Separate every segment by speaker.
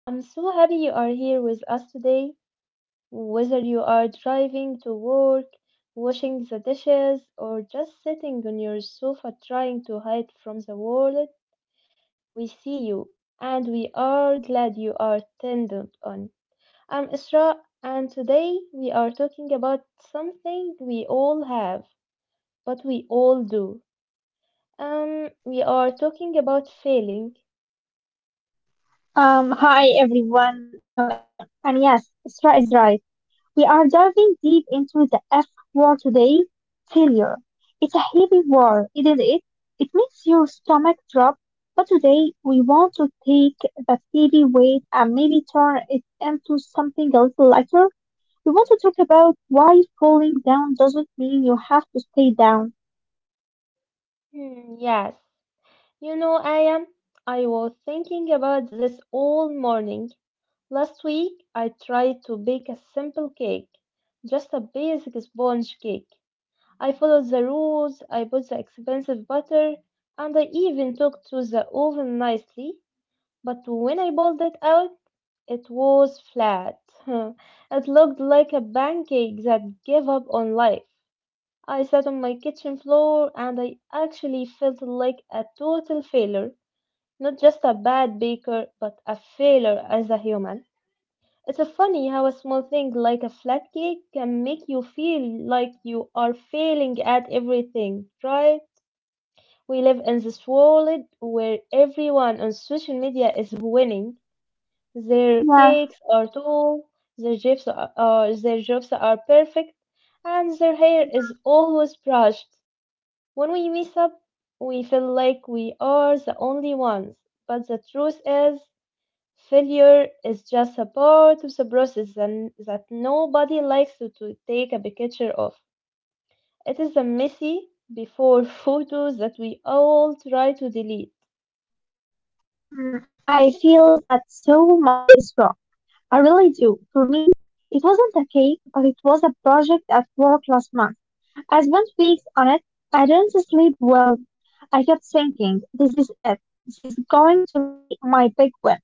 Speaker 1: I'm so happy you are here with us today. Whether you are driving to work, washing the dishes, or just sitting on your sofa trying to hide from the world, we see you and we are glad you are tended on. I'm Isra, and today we are talking about something we all have, but we all do. We are talking about failing.
Speaker 2: Hi everyone, I'm Aya. And yes, Isra is right. We are diving deep into the F word today, failure. It's a heavy word, isn't it? It makes your stomach drop, but today we want to take that heavy weight and maybe turn it into something a little lighter. We want to talk about why falling down doesn't mean you have to stay down.
Speaker 1: Hmm, yes. You know, I am. I was thinking about this all morning. Last week, I tried to bake a simple cake, just a basic sponge cake. I followed the rules, I bought the expensive butter, and I even took to the oven nicely. But when I pulled it out, it was flat. It looked like a pancake that gave up on life. I sat on my kitchen floor and I actually felt like a total failure. Not just a bad baker, but a failure as a human. It's a funny how a small thing like a flat cake can make you feel like you are failing at everything, right? We live in this world where everyone on social media is winning. Their cakes
Speaker 2: Yeah.
Speaker 1: are tall, their their jobs are perfect, and their hair is
Speaker 2: Mhm.
Speaker 1: always brushed. When we mess up, we feel like we are the only ones. But the truth is, failure is just a part of the process and that nobody likes to take a picture of. It is the messy before photos that we all try to delete.
Speaker 2: Mhm. I feel that so much is wrong. I really do. For me, it wasn't a cake, but it was a project at work last month. I spent weeks on it. I didn't sleep well. I kept thinking, this is it. This is going to be my big win.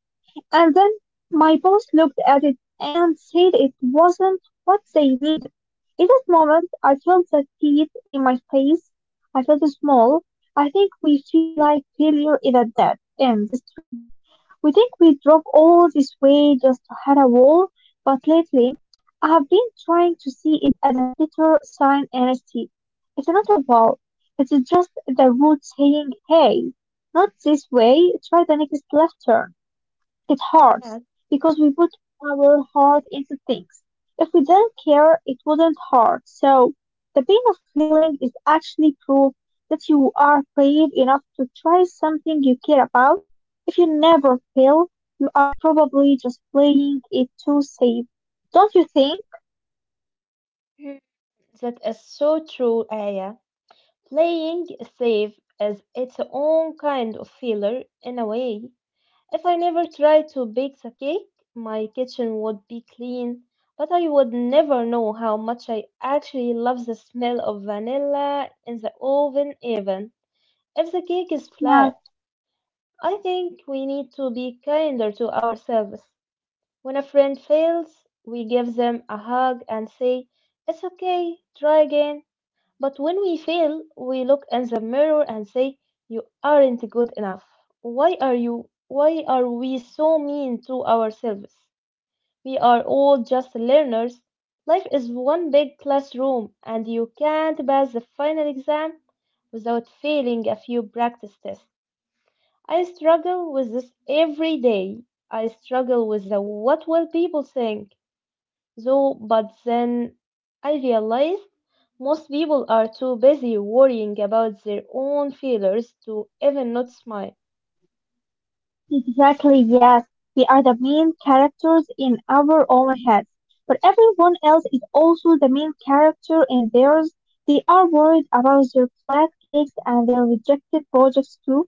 Speaker 2: And then my boss looked at it and said it wasn't what they needed. In that moment, I felt the heat in my face. I felt small. I think we feel like failure in a dead end the street. We think we drove all this way just to hit a wall, but lately I have been trying to see it as a better sign instead. It's not a wall, it's just the road saying, hey, not this way, try the next left turn. It hurts
Speaker 1: Yes.
Speaker 2: because we put our heart into things. If we didn't care, it wouldn't hurt. So the pain of feeling is actually proof that you are brave enough to try something you care about. If you never fail, you are probably just playing it too safe. Don't you think?
Speaker 1: Hmm, that is so true, Aya. Playing safe is its own kind of failure in a way. If I never tried to bake the cake, my kitchen would be clean, but I would never know how much I actually love the smell of vanilla in the oven, even if the cake is
Speaker 2: Yeah.
Speaker 1: flat. I think we need to be kinder to ourselves. When a friend fails, we give them a hug and say, it's okay, try again. But when we fail, we look in the mirror and say, you aren't good enough. Why are you? Why are we so mean to ourselves? We are all just learners. Life is one big classroom, and you can't pass the final exam without failing a few practice tests. I struggle with this every day. I struggle with the what will people think? So, but then I realized most people are too busy worrying about their own failures to even notice mine.
Speaker 2: Exactly, yes. We are the main characters in our own heads, but everyone else is also the main character in theirs. They are worried about their flat cakes and their rejected projects too.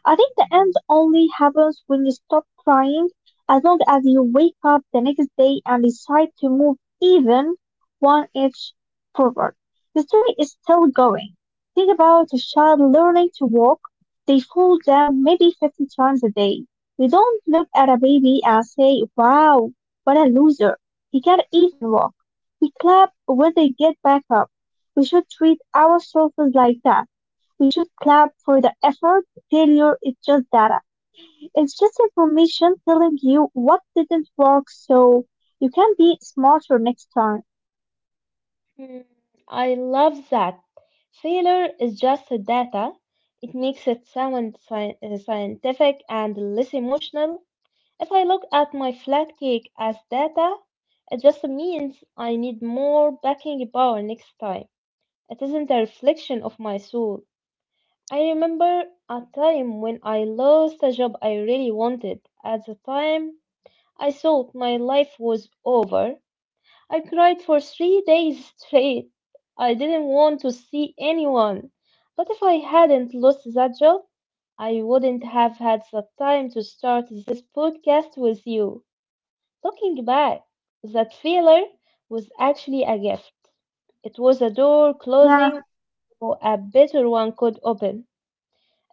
Speaker 2: I think the end only happens when you stop trying, as long as you wake up the next day and decide to move even one inch forward. The story is still going. Think about a child learning to walk. They fall down maybe 50 times a day. We don't look at a baby and say, wow, what a loser. He can't even walk. We clap when they get back up. We should treat ourselves like that. We should clap for the effort. Failure is just data. It's just information telling you what didn't work so you can be smarter next time.
Speaker 1: Hmm, I love that. Failure is just a data. It makes it sound scientific and less emotional. If I look at my flat cake as data, it just means I need more baking power next time. It isn't a reflection of my soul. I remember a time when I lost a job I really wanted. At the time, I thought my life was over. I cried for 3 days straight. I didn't want to see anyone. But if I hadn't lost that job, I wouldn't have had the time to start this podcast with you. Looking back, that failure was actually a gift. It was a door
Speaker 2: Yeah.
Speaker 1: closing so a better one could open.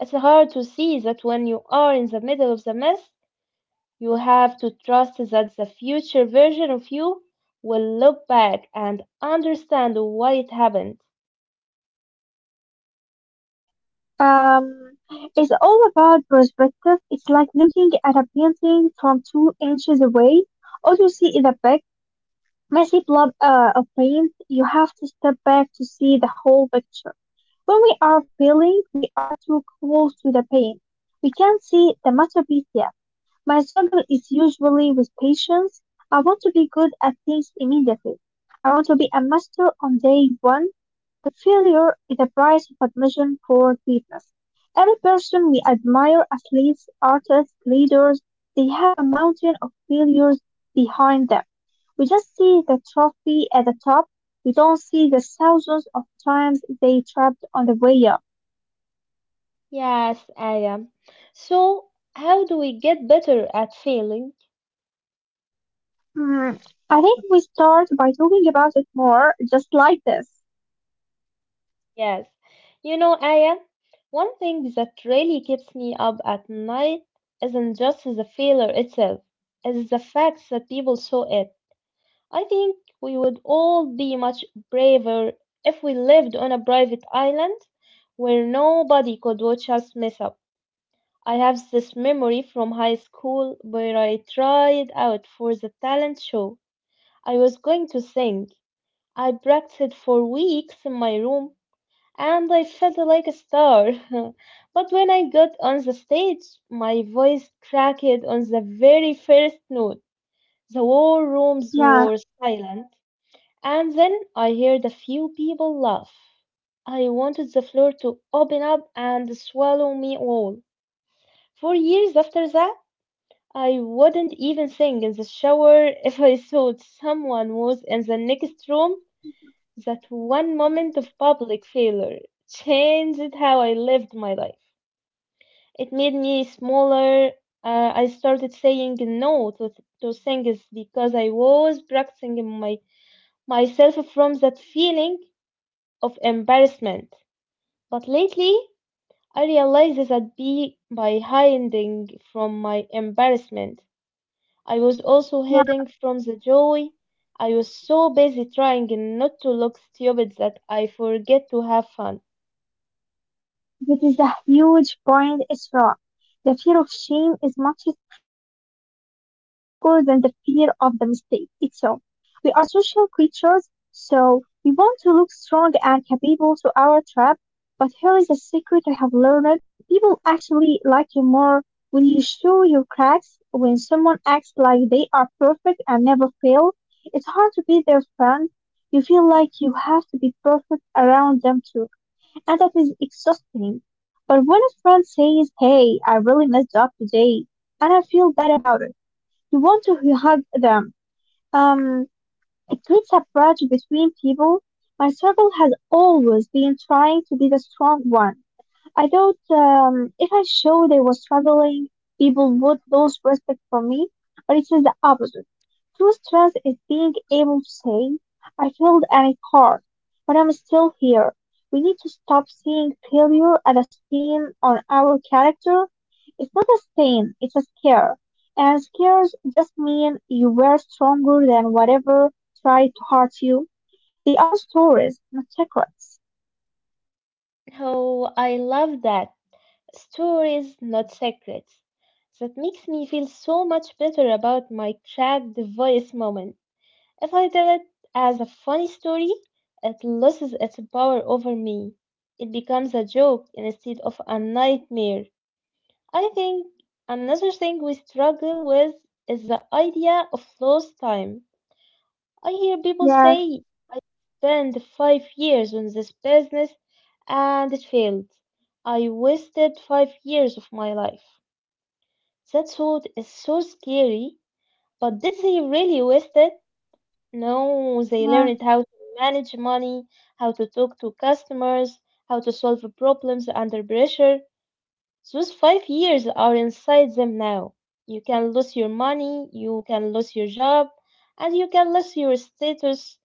Speaker 1: It's hard to see that when you are in the middle of the mess, you have to trust that the future version of you will look back and understand why it happened.
Speaker 2: Um, it's all about perspective. It's like looking at a painting from 2 inches away. All you see is a back messy blob of paint. You have to step back to see the whole picture. When we are peeling, we are too close to the paint. We can't see the masterpiece yet. My struggle is usually with patience. I want to be good at things immediately. I want to be a master on day one, but failure is the price of admission for greatness. Every person we admire, athletes, artists, leaders, they have a mountain of failures behind them. We just see the trophy at the top. We don't see the thousands of times they trapped on the way up.
Speaker 1: Yes, I am. So, how do we get better at failing?
Speaker 2: Hmm. I think we start by talking about it more, just like this.
Speaker 1: Yes. You know, Aya, one thing that really keeps me up at night isn't just the failure itself, it's the fact that people saw it. I think we would all be much braver if we lived on a private island where nobody could watch us mess up. I have this memory from high school where I tried out for the talent show. I was going to sing. I practiced for weeks in my room and I felt like a star. But when I got on the stage, my voice cracked on the very first note. The whole rooms
Speaker 2: Yeah,
Speaker 1: were silent. And then I heard a few people laugh. I wanted the floor to open up and swallow me all. For years after that, I wouldn't even sing in the shower if I thought someone was in the next room. That one moment of public failure changed how I lived my life. It made me smaller. I started saying no to things because I was protecting myself from that feeling of embarrassment. But lately, I realized that by hiding from my embarrassment, I was also hiding
Speaker 2: yeah.
Speaker 1: from the joy. I was so busy trying not to look stupid that I forget to have fun.
Speaker 2: That is a huge point, it's wrong. The fear of shame is much stronger than the fear of the mistake itself. We are social creatures, so we want to look strong and capable to our tribe. But here is a secret I have learned. People actually like you more when you show your cracks, when someone acts like they are perfect and never fail. It's hard to be their friend. You feel like you have to be perfect around them too, and that is exhausting. But when a friend says, "Hey, I really messed up today and I feel bad about it," you want to hug them. Um, it creates a bridge between people. My circle has always been trying to be the strong one. I thought, if I showed I was struggling, people would lose respect for me, but it's the opposite. True strength is being able to say, "I failed and it hurt, but I'm still here." We need to stop seeing failure as a stain on our character. It's not a stain, it's a scare. And scares just mean you were stronger than whatever tried to hurt you. They are stories, not secrets.
Speaker 1: Oh, I love that. Stories, not secrets. That makes me feel so much better about my cracked voice moment. If I tell it as a funny story, it loses its power over me. It becomes a joke instead of a nightmare. I think another thing we struggle with is the idea of lost time. I hear people
Speaker 2: Yeah.
Speaker 1: say, I spent 5 years on this business and it failed. I wasted 5 years of my life. That thought is so scary, but did they really waste it? No, they
Speaker 2: Yeah.
Speaker 1: learned how to manage money, how to talk to customers, how to solve problems under pressure. Those 5 years are inside them now. You can lose your money, you can lose your job, and you can lose your status,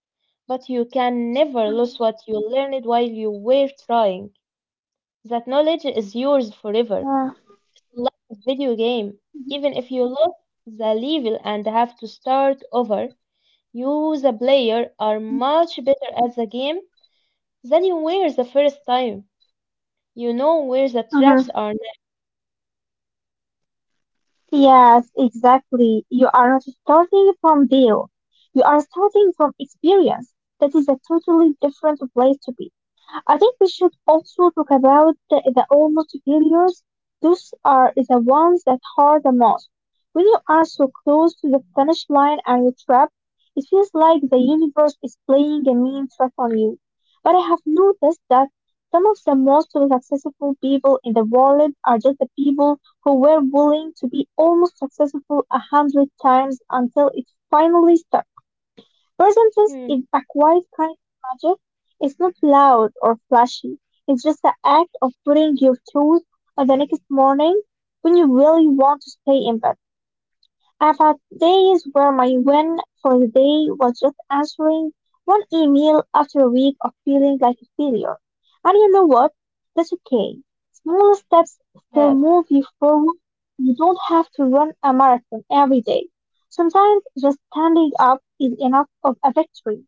Speaker 1: but you can never lose what you learned while you were trying. That knowledge
Speaker 2: Yeah.
Speaker 1: is yours forever. Like a video game, even if you lose the level and have to start over, you, the player, are much better at the game than you were the first time. You know where the
Speaker 2: Hmm.
Speaker 1: traps are now.
Speaker 2: Yes, exactly. You are not starting from zero. You are starting from experience. That is a totally different place to be. I think we should also talk about the almost failures. Those are the ones that hurt the most. When you are so close to the finish line and you are trapped, it feels like the universe is playing a mean trick on you. But I have noticed that some of the most successful people in the world are just the people who were willing to be almost successful a hundred times until it finally stuck. Percentage
Speaker 1: Hmm,
Speaker 2: is a quiet kind of magic. It's not loud or flashy. It's just the act of putting your tooth on the next morning when you really want to stay in bed. I've had days where my win for the day was just answering one email after a week of feeling like a failure. And you know what? That's okay. Small steps still
Speaker 1: yes,
Speaker 2: move you forward. You don't have to run a marathon every day. Sometimes just standing up is enough of a victory.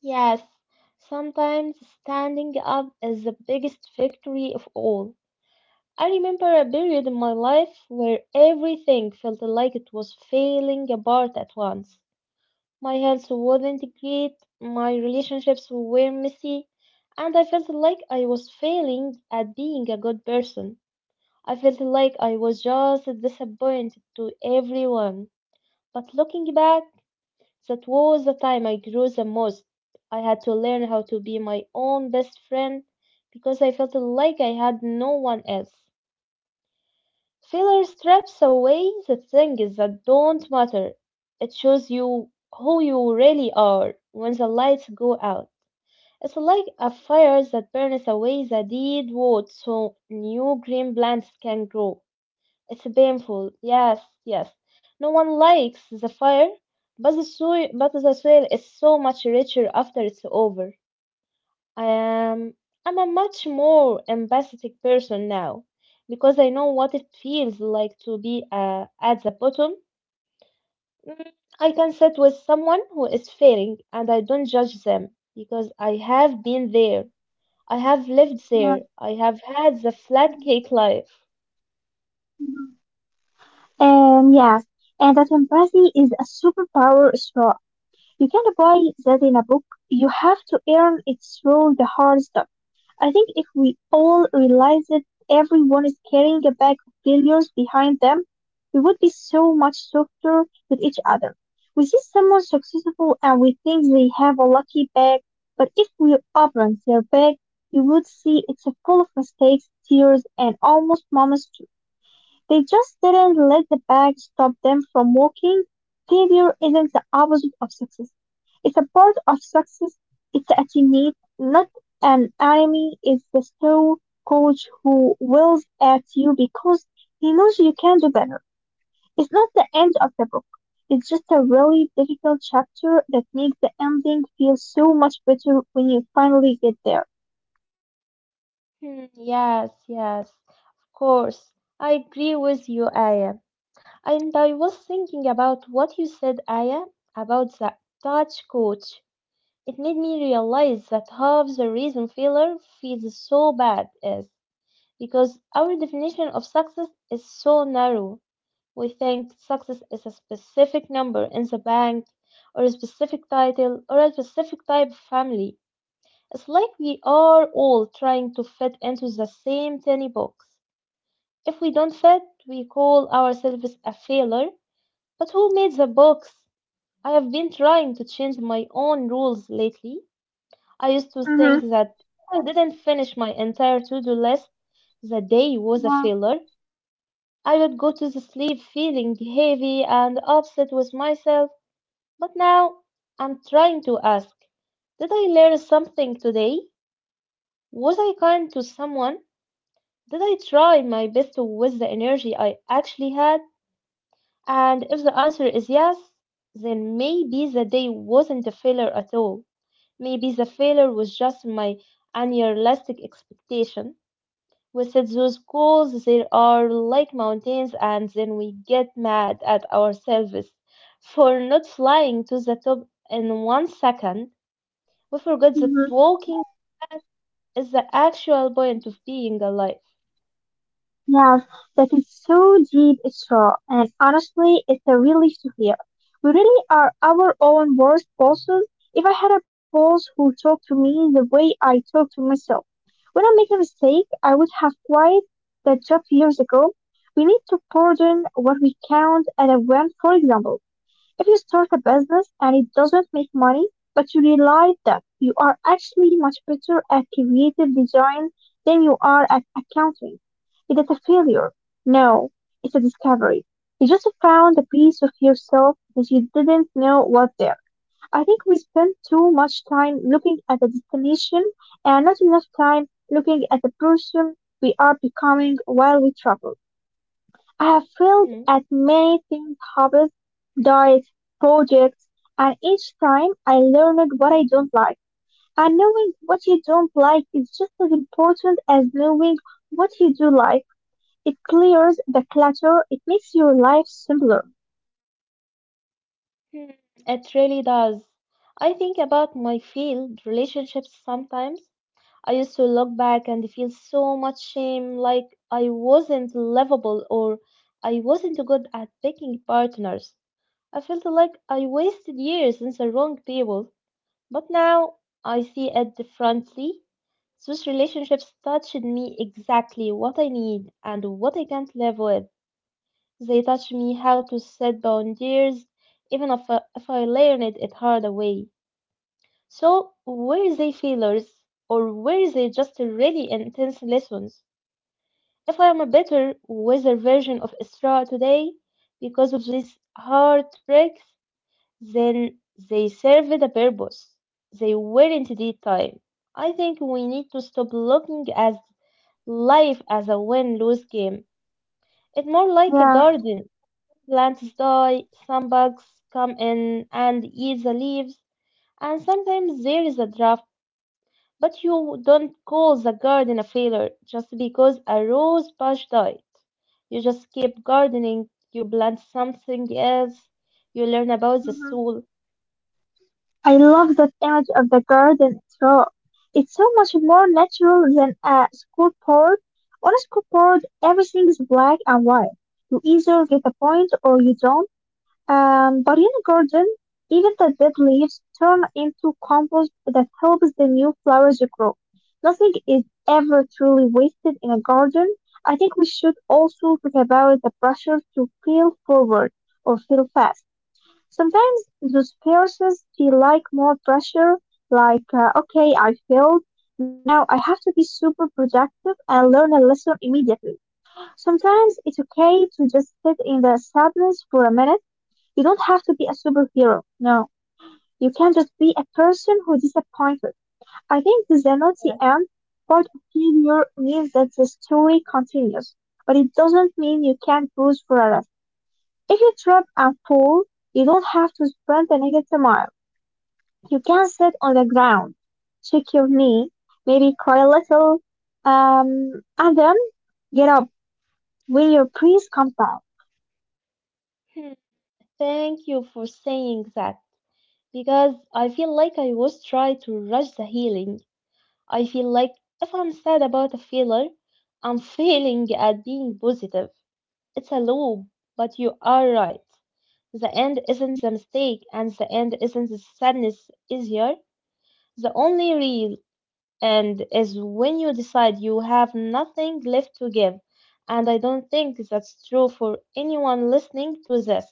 Speaker 1: yes. Sometimes standing up is the biggest victory of all. I remember a period in my life where everything felt like it was falling apart at once. My health wasn't great, my relationships were messy, and I felt like I was failing at being a good person. I felt like I was just disappointed to everyone. But looking back, that was the time I grew the most. I had to learn how to be my own best friend because I felt like I had no one else. Failure strips away the things that don't matter. It shows you who you really are when the lights go out. It's like a fire that burns away the dead wood so new green plants can grow. It's painful. Yes, yes. No one likes the fire, but the soil is so much richer after it's over. I am, I'm a much more empathetic person now, because I know what it feels like to be at the bottom. Mm, I can sit with someone who is failing, and I don't judge them because I have been there. I have lived there. I have had the flat cake life.
Speaker 2: Mm. And yes, and that empathy is a superpower straw. You can't buy that in a book. You have to earn it through the hard stuff. I think if we all realized that everyone is carrying a bag of failures behind them, we would be so much softer with each other. We see someone successful and we think they have a lucky bag, but if we opened their bag, we would see it's full of mistakes, tears, and almost moments. They just didn't let the bag stop them from walking. Failure isn't the opposite of success. It's a part of success. It's a teammate, not an enemy. It's the slow coach who wills at you because he knows you can do better. It's not the end of the book. It's just a really difficult chapter that makes the ending feel so much better when you finally get there.
Speaker 1: Hmm, yes, yes, of course. I agree with you, Aya. And I was thinking about what you said, Aya, about the touch coach. It made me realize that half the reason failure feels so bad is because our definition of success is so narrow. We think success is a specific number in the bank, or a specific title, or a specific type of family. It's like we are all trying to fit into the same tiny box. If we don't fit, we call ourselves a failure. But who made the box? I have been trying to change my own rules lately. I used to
Speaker 2: Mm-hmm.
Speaker 1: think that if I didn't finish my entire to do list, the day was a
Speaker 2: Yeah.
Speaker 1: failure. I would go to the sleep feeling heavy and upset with myself. But now I'm trying to ask, did I learn something today? Was I kind to someone? Did I try my best with the energy I actually had? And if the answer is yes, then maybe the day wasn't a failure at all. Maybe the failure was just my unrealistic expectation. We set those goals, they are like mountains, and then we get mad at ourselves for not flying to the top in 1 second. We forget that
Speaker 2: Mhm.
Speaker 1: walking back is the actual point of being alive.
Speaker 2: Yes, that is so deep, it's raw, and honestly, it's a relief to hear. We really are our own worst bosses. If I had a boss who talked to me the way I talk to myself when I make a mistake, I would have quit that job years ago. We need to pardon what we count as a win, for example. If you start a business and it doesn't make money, but you realize that you are actually much better at creative design than you are at accounting, is it a failure? No, it's a discovery. You just found a piece of yourself that you didn't know was there. I think we spend too much time looking at the destination and not enough time looking at the person we are becoming while we travel. I have failed
Speaker 1: Hmm.
Speaker 2: at many things: hobbies, diets, projects, and each time I learned what I don't like. And knowing what you don't like is just as important as knowing what you do like. It clears the clutter, it makes your life simpler.
Speaker 1: Hmm. It really does. I think about my failed relationships sometimes. I used to look back and feel so much shame, like I wasn't lovable or I wasn't good at picking partners. I felt like I wasted years in the wrong people. But now I see it differently. Those relationships touched me exactly what I need and what I can't live with. They touched me how to set boundaries, even if I learned it hard way. So, were they failures or were they just really intense lessons? If I am a better, wiser version of Isra today because of these heartbreaks, then they served a purpose. They weren't dead time. I think we need to stop looking at life as a win lose game. It's more like a
Speaker 2: Yeah.
Speaker 1: garden. Plants die, some bugs come in and eat the leaves, and sometimes there is a drought. But you don't call the garden a failure just because a rose bush died. You just keep gardening, you plant something else, you learn about the
Speaker 2: Mhm.
Speaker 1: soul.
Speaker 2: I love that image of the garden itself. It's so much more natural than a scoreboard. On a scoreboard, everything is black and white. You either get a point or you don't. But in a garden, even the dead leaves turn into compost that helps the new flowers grow. Nothing is ever truly wasted in a garden. I think we should also talk about the pressure to feel forward or feel fast. Sometimes those persons feel like more pressure, like, okay, I failed. Now I have to be super productive and learn a lesson immediately. Sometimes it's okay to just sit in the sadness for a minute. You don't have to be a superhero. No, you can just be a person who disappointed. I think this is not the
Speaker 1: Yeah.
Speaker 2: end. Part of failure means that the story continues, but it doesn't mean you can't lose forever. If you trip and fall, you don't have to sprint the next mile. You can sit on the ground, check your knee, maybe cry a little, and then get up when your breath comes down.
Speaker 1: Hmm. Thank you for saying that, because I feel like I was trying to rush the healing. I feel like if I'm sad about a failure, I'm failing at being positive. It's a loop, but you are right. The end isn't the mistake, and the end isn't the sadness is here. The only real end is when you decide you have nothing left to give. And I don't think that's true for anyone listening to this.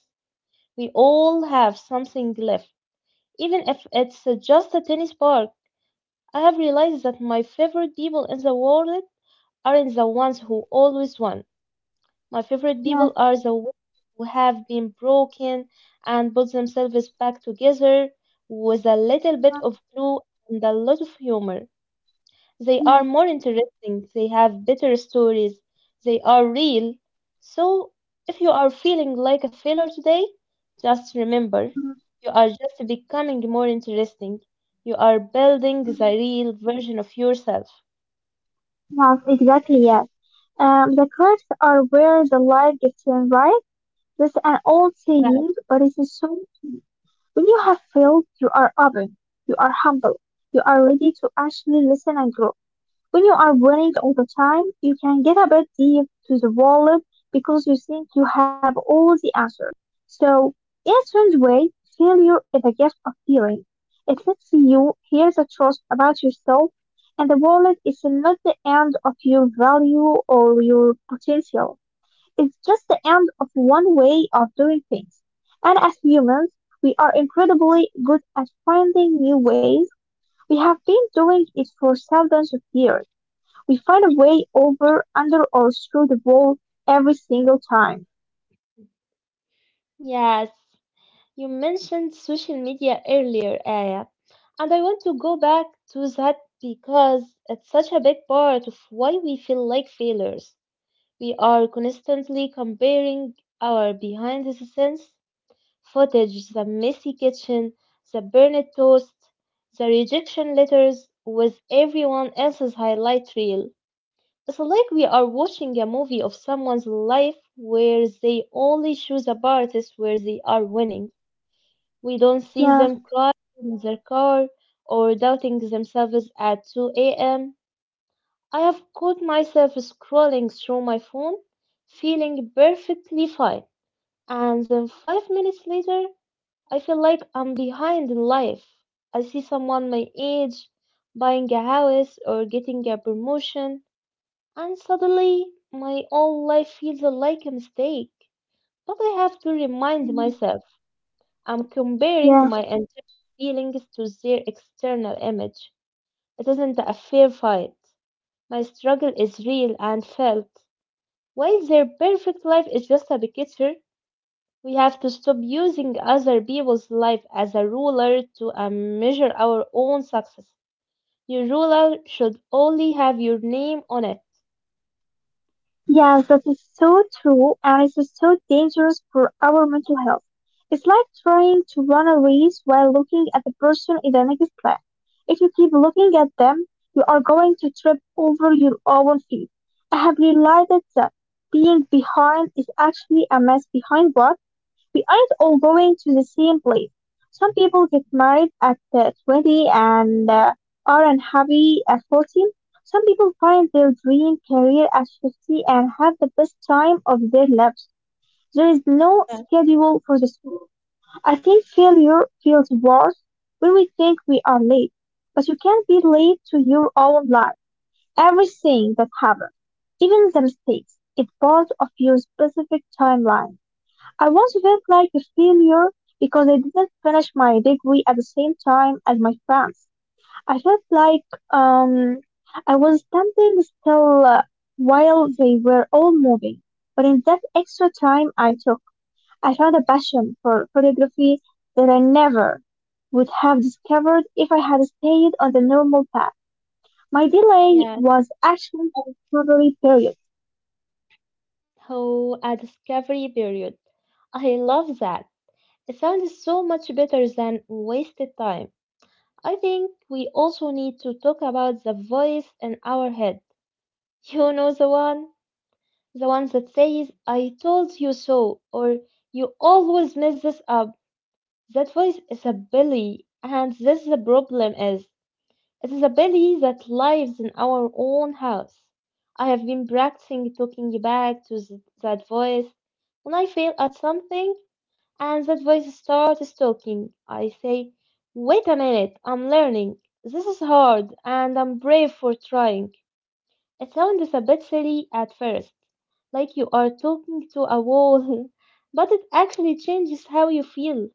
Speaker 1: We all have something left, even if it's just a tennis ball. I have realized that my favorite people in the world aren't the ones who always won. My favorite
Speaker 2: Yes,
Speaker 1: people are the ones who have been broken and put themselves back together with a little bit of glue and a lot of humor. They are
Speaker 2: yes,
Speaker 1: more interesting, they have better stories, they are real. So, if you are feeling like a failure today, just remember,
Speaker 2: yes.
Speaker 1: you are just becoming more interesting. You are building the real version of yourself.
Speaker 2: Yes, exactly, yes. The cliffs are where the light gets in, right? That's an old
Speaker 1: Yes,
Speaker 2: saying, but it is so true. When you have failed, you are open, you are humble, you are ready to actually listen and grow. When you are winning all the time, you can get a bit deep to the wallet because you think you have all the answers. So, in a strange way, failure is a gift of feeling. It lets you hear the truth about yourself, and the wallet is not the end of your value or your potential. It's just the end of one way of doing things. And as humans, we are incredibly good at finding new ways. We have been doing it for thousands of years. We find a way over, under, or through the wall every single time.
Speaker 1: yes. You mentioned social media earlier, Aya, and I want to go back to that because it's such a big part of why we feel like failures. We are constantly comparing our behind the scenes footage, the messy kitchen, the burned toast, the rejection letters with everyone else's highlight reel. It's like we are watching a movie of someone's life where they only choose the parties where they are winning. We don't see
Speaker 2: Yeah,
Speaker 1: them crying in their car or doubting themselves at 2 a.m. I have caught myself scrolling through my phone, feeling perfectly fine, and then 5 minutes later, I feel like I'm behind in life. I see someone my age buying a house or getting a promotion, and suddenly my own life feels like a mistake. But I have to remind myself, I'm comparing
Speaker 2: yeah.
Speaker 1: my internal feelings to their external image. It isn't a fair fight. My struggle is real and felt. While their perfect life is just a picture, we have to stop using other people's life as a ruler to measure our own success. Your ruler should only have your name on it.
Speaker 2: Yeah, that is so true, and it is so dangerous for our mental health. It's like trying to run a race while looking at the person in the next lap. If you keep looking at them, you are going to trip over your own feet. I have realized that being behind is actually a mess behind what. We aren't all going to the same place. Some people get married at 20 and are unhappy at 40. Some people find their dream career at 50 and have the best time of their lives. There is no
Speaker 1: Yes,
Speaker 2: schedule for this. I think failure feels worse when we think we are late, but you can't be late to your own life. Everything that happens, even the mistakes, is part of your specific timeline. I once felt like a failure because I didn't finish my degree at the same time as my friends. I felt like I was standing still while they were all moving. But in that extra time I took, I found a passion for photography that I never would have discovered if I had stayed on the normal path. My delay
Speaker 1: yes.
Speaker 2: was actually a recovery period.
Speaker 1: Oh, a discovery period. I love that. It sounds so much better than wasted time. I think we also need to talk about the voice in our head. You know the one? The ones that says, I told you so, or you always mess this up. That voice is a bully, and this the problem is. It is a bully that lives in our own house. I have been practicing talking back to that voice. When I fail at something and that voice starts talking, I say, wait a minute, I'm learning. This is hard, and I'm brave for trying. It sounds a bit silly at first, like you are talking to a wall, but it actually changes how you feel.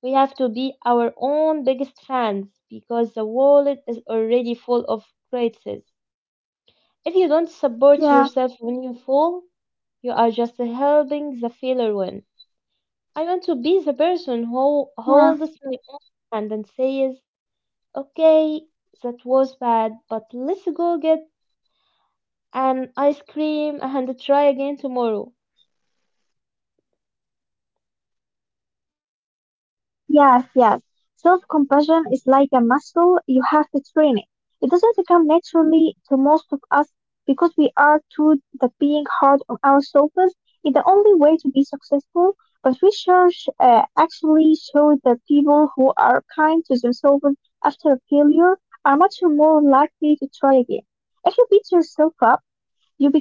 Speaker 1: We have to be our own biggest fans, because the world is already full of critics. If you don't support yourself when you fall,
Speaker 2: Yeah,
Speaker 1: you are just helping the failure win. I want to be the person who holds my own hand and says,
Speaker 2: yeah.
Speaker 1: okay, that was bad, but let's go get an ice cream and try again tomorrow.
Speaker 2: Yes, yes. Self compassion is like a muscle, you have to train it. It doesn't come naturally to most of us because we are taught that being hard on ourselves is the only way to be successful. But research actually showed that people who are kind to themselves after a failure are much more likely to try again. If you beat yourself up,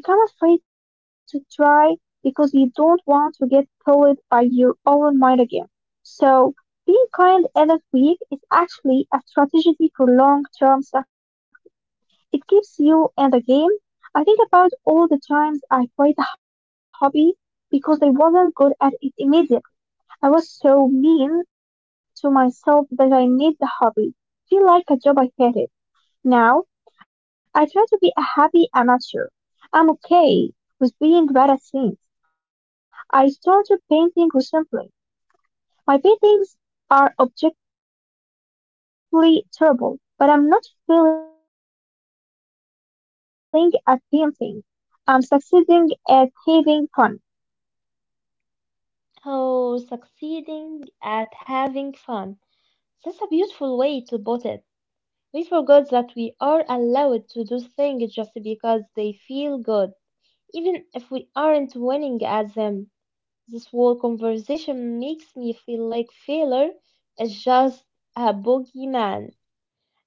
Speaker 2: you become afraid to try because you don't want to get told by your own mind again. So, being kind and that weak is actually a strategy for long term success. It keeps you in the game. I think about all the times I quit a hobby because I wasn't good at it immediately. I was so mean to myself that I made the hobby feel like a job I hated. Now, I try to be a happy amateur. I'm okay with being bad at things. I started painting recently. My paintings are objectively terrible. They look like a bird walked across the paper with blue Bloopy. But I'm not failing at painting. I'm succeeding at having fun.
Speaker 1: Oh, succeeding at having fun. That's a beautiful way to put it. We forgot that we are allowed to do things just because they feel good, even if we aren't winning at them. This whole conversation makes me feel like failure is just a boogeyman.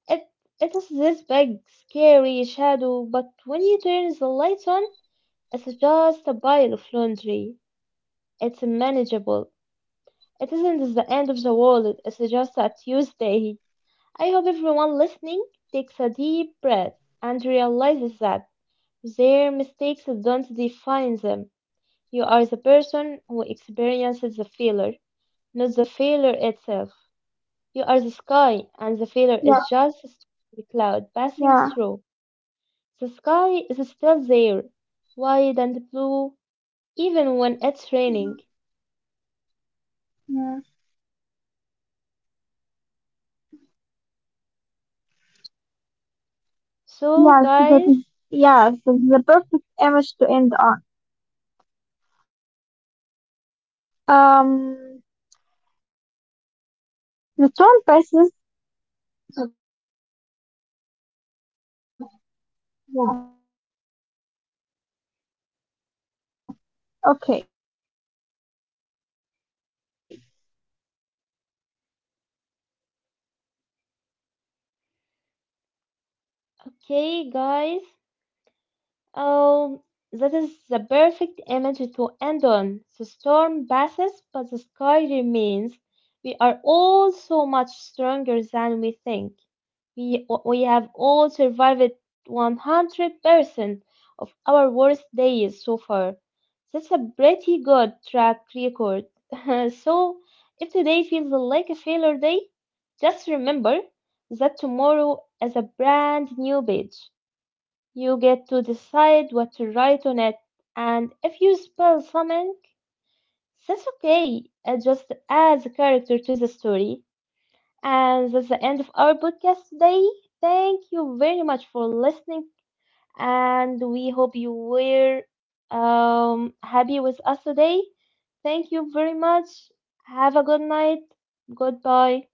Speaker 1: It, it is this big, scary shadow, but when you turn the lights on, it's just a pile of laundry. It's manageable. It isn't the end of the world, it's just a Tuesday. I hope everyone listening takes a deep breath and realizes that their mistakes don't define them. You are the person who experiences the failure, not the failure itself. You are the sky, and the failure
Speaker 2: Yeah,
Speaker 1: is just a stormy cloud passing
Speaker 2: yeah.
Speaker 1: through. The sky is still there, wide and blue, even when it's raining.
Speaker 2: Yeah.
Speaker 1: So,
Speaker 2: Yes,
Speaker 1: guys,
Speaker 2: that is, yes, that is the perfect image to end on. Um, the torn passes. Yeah. Okay. Okay.
Speaker 1: okay, guys, oh, that is the perfect image to end on. The storm passes, but the sky remains. We are all so much stronger than we think. We have all survived 100% of our worst days so far. That's a pretty good track record. So, if today feels like a failure day, just remember that tomorrow is a brand new page. You get to decide what to write on it, and if you spell something, that's okay. It just adds a character to the story. And that's the end of our podcast today. Thank you very much for listening, and we hope you were happy with us today. Thank you very much. Have a good night. Goodbye.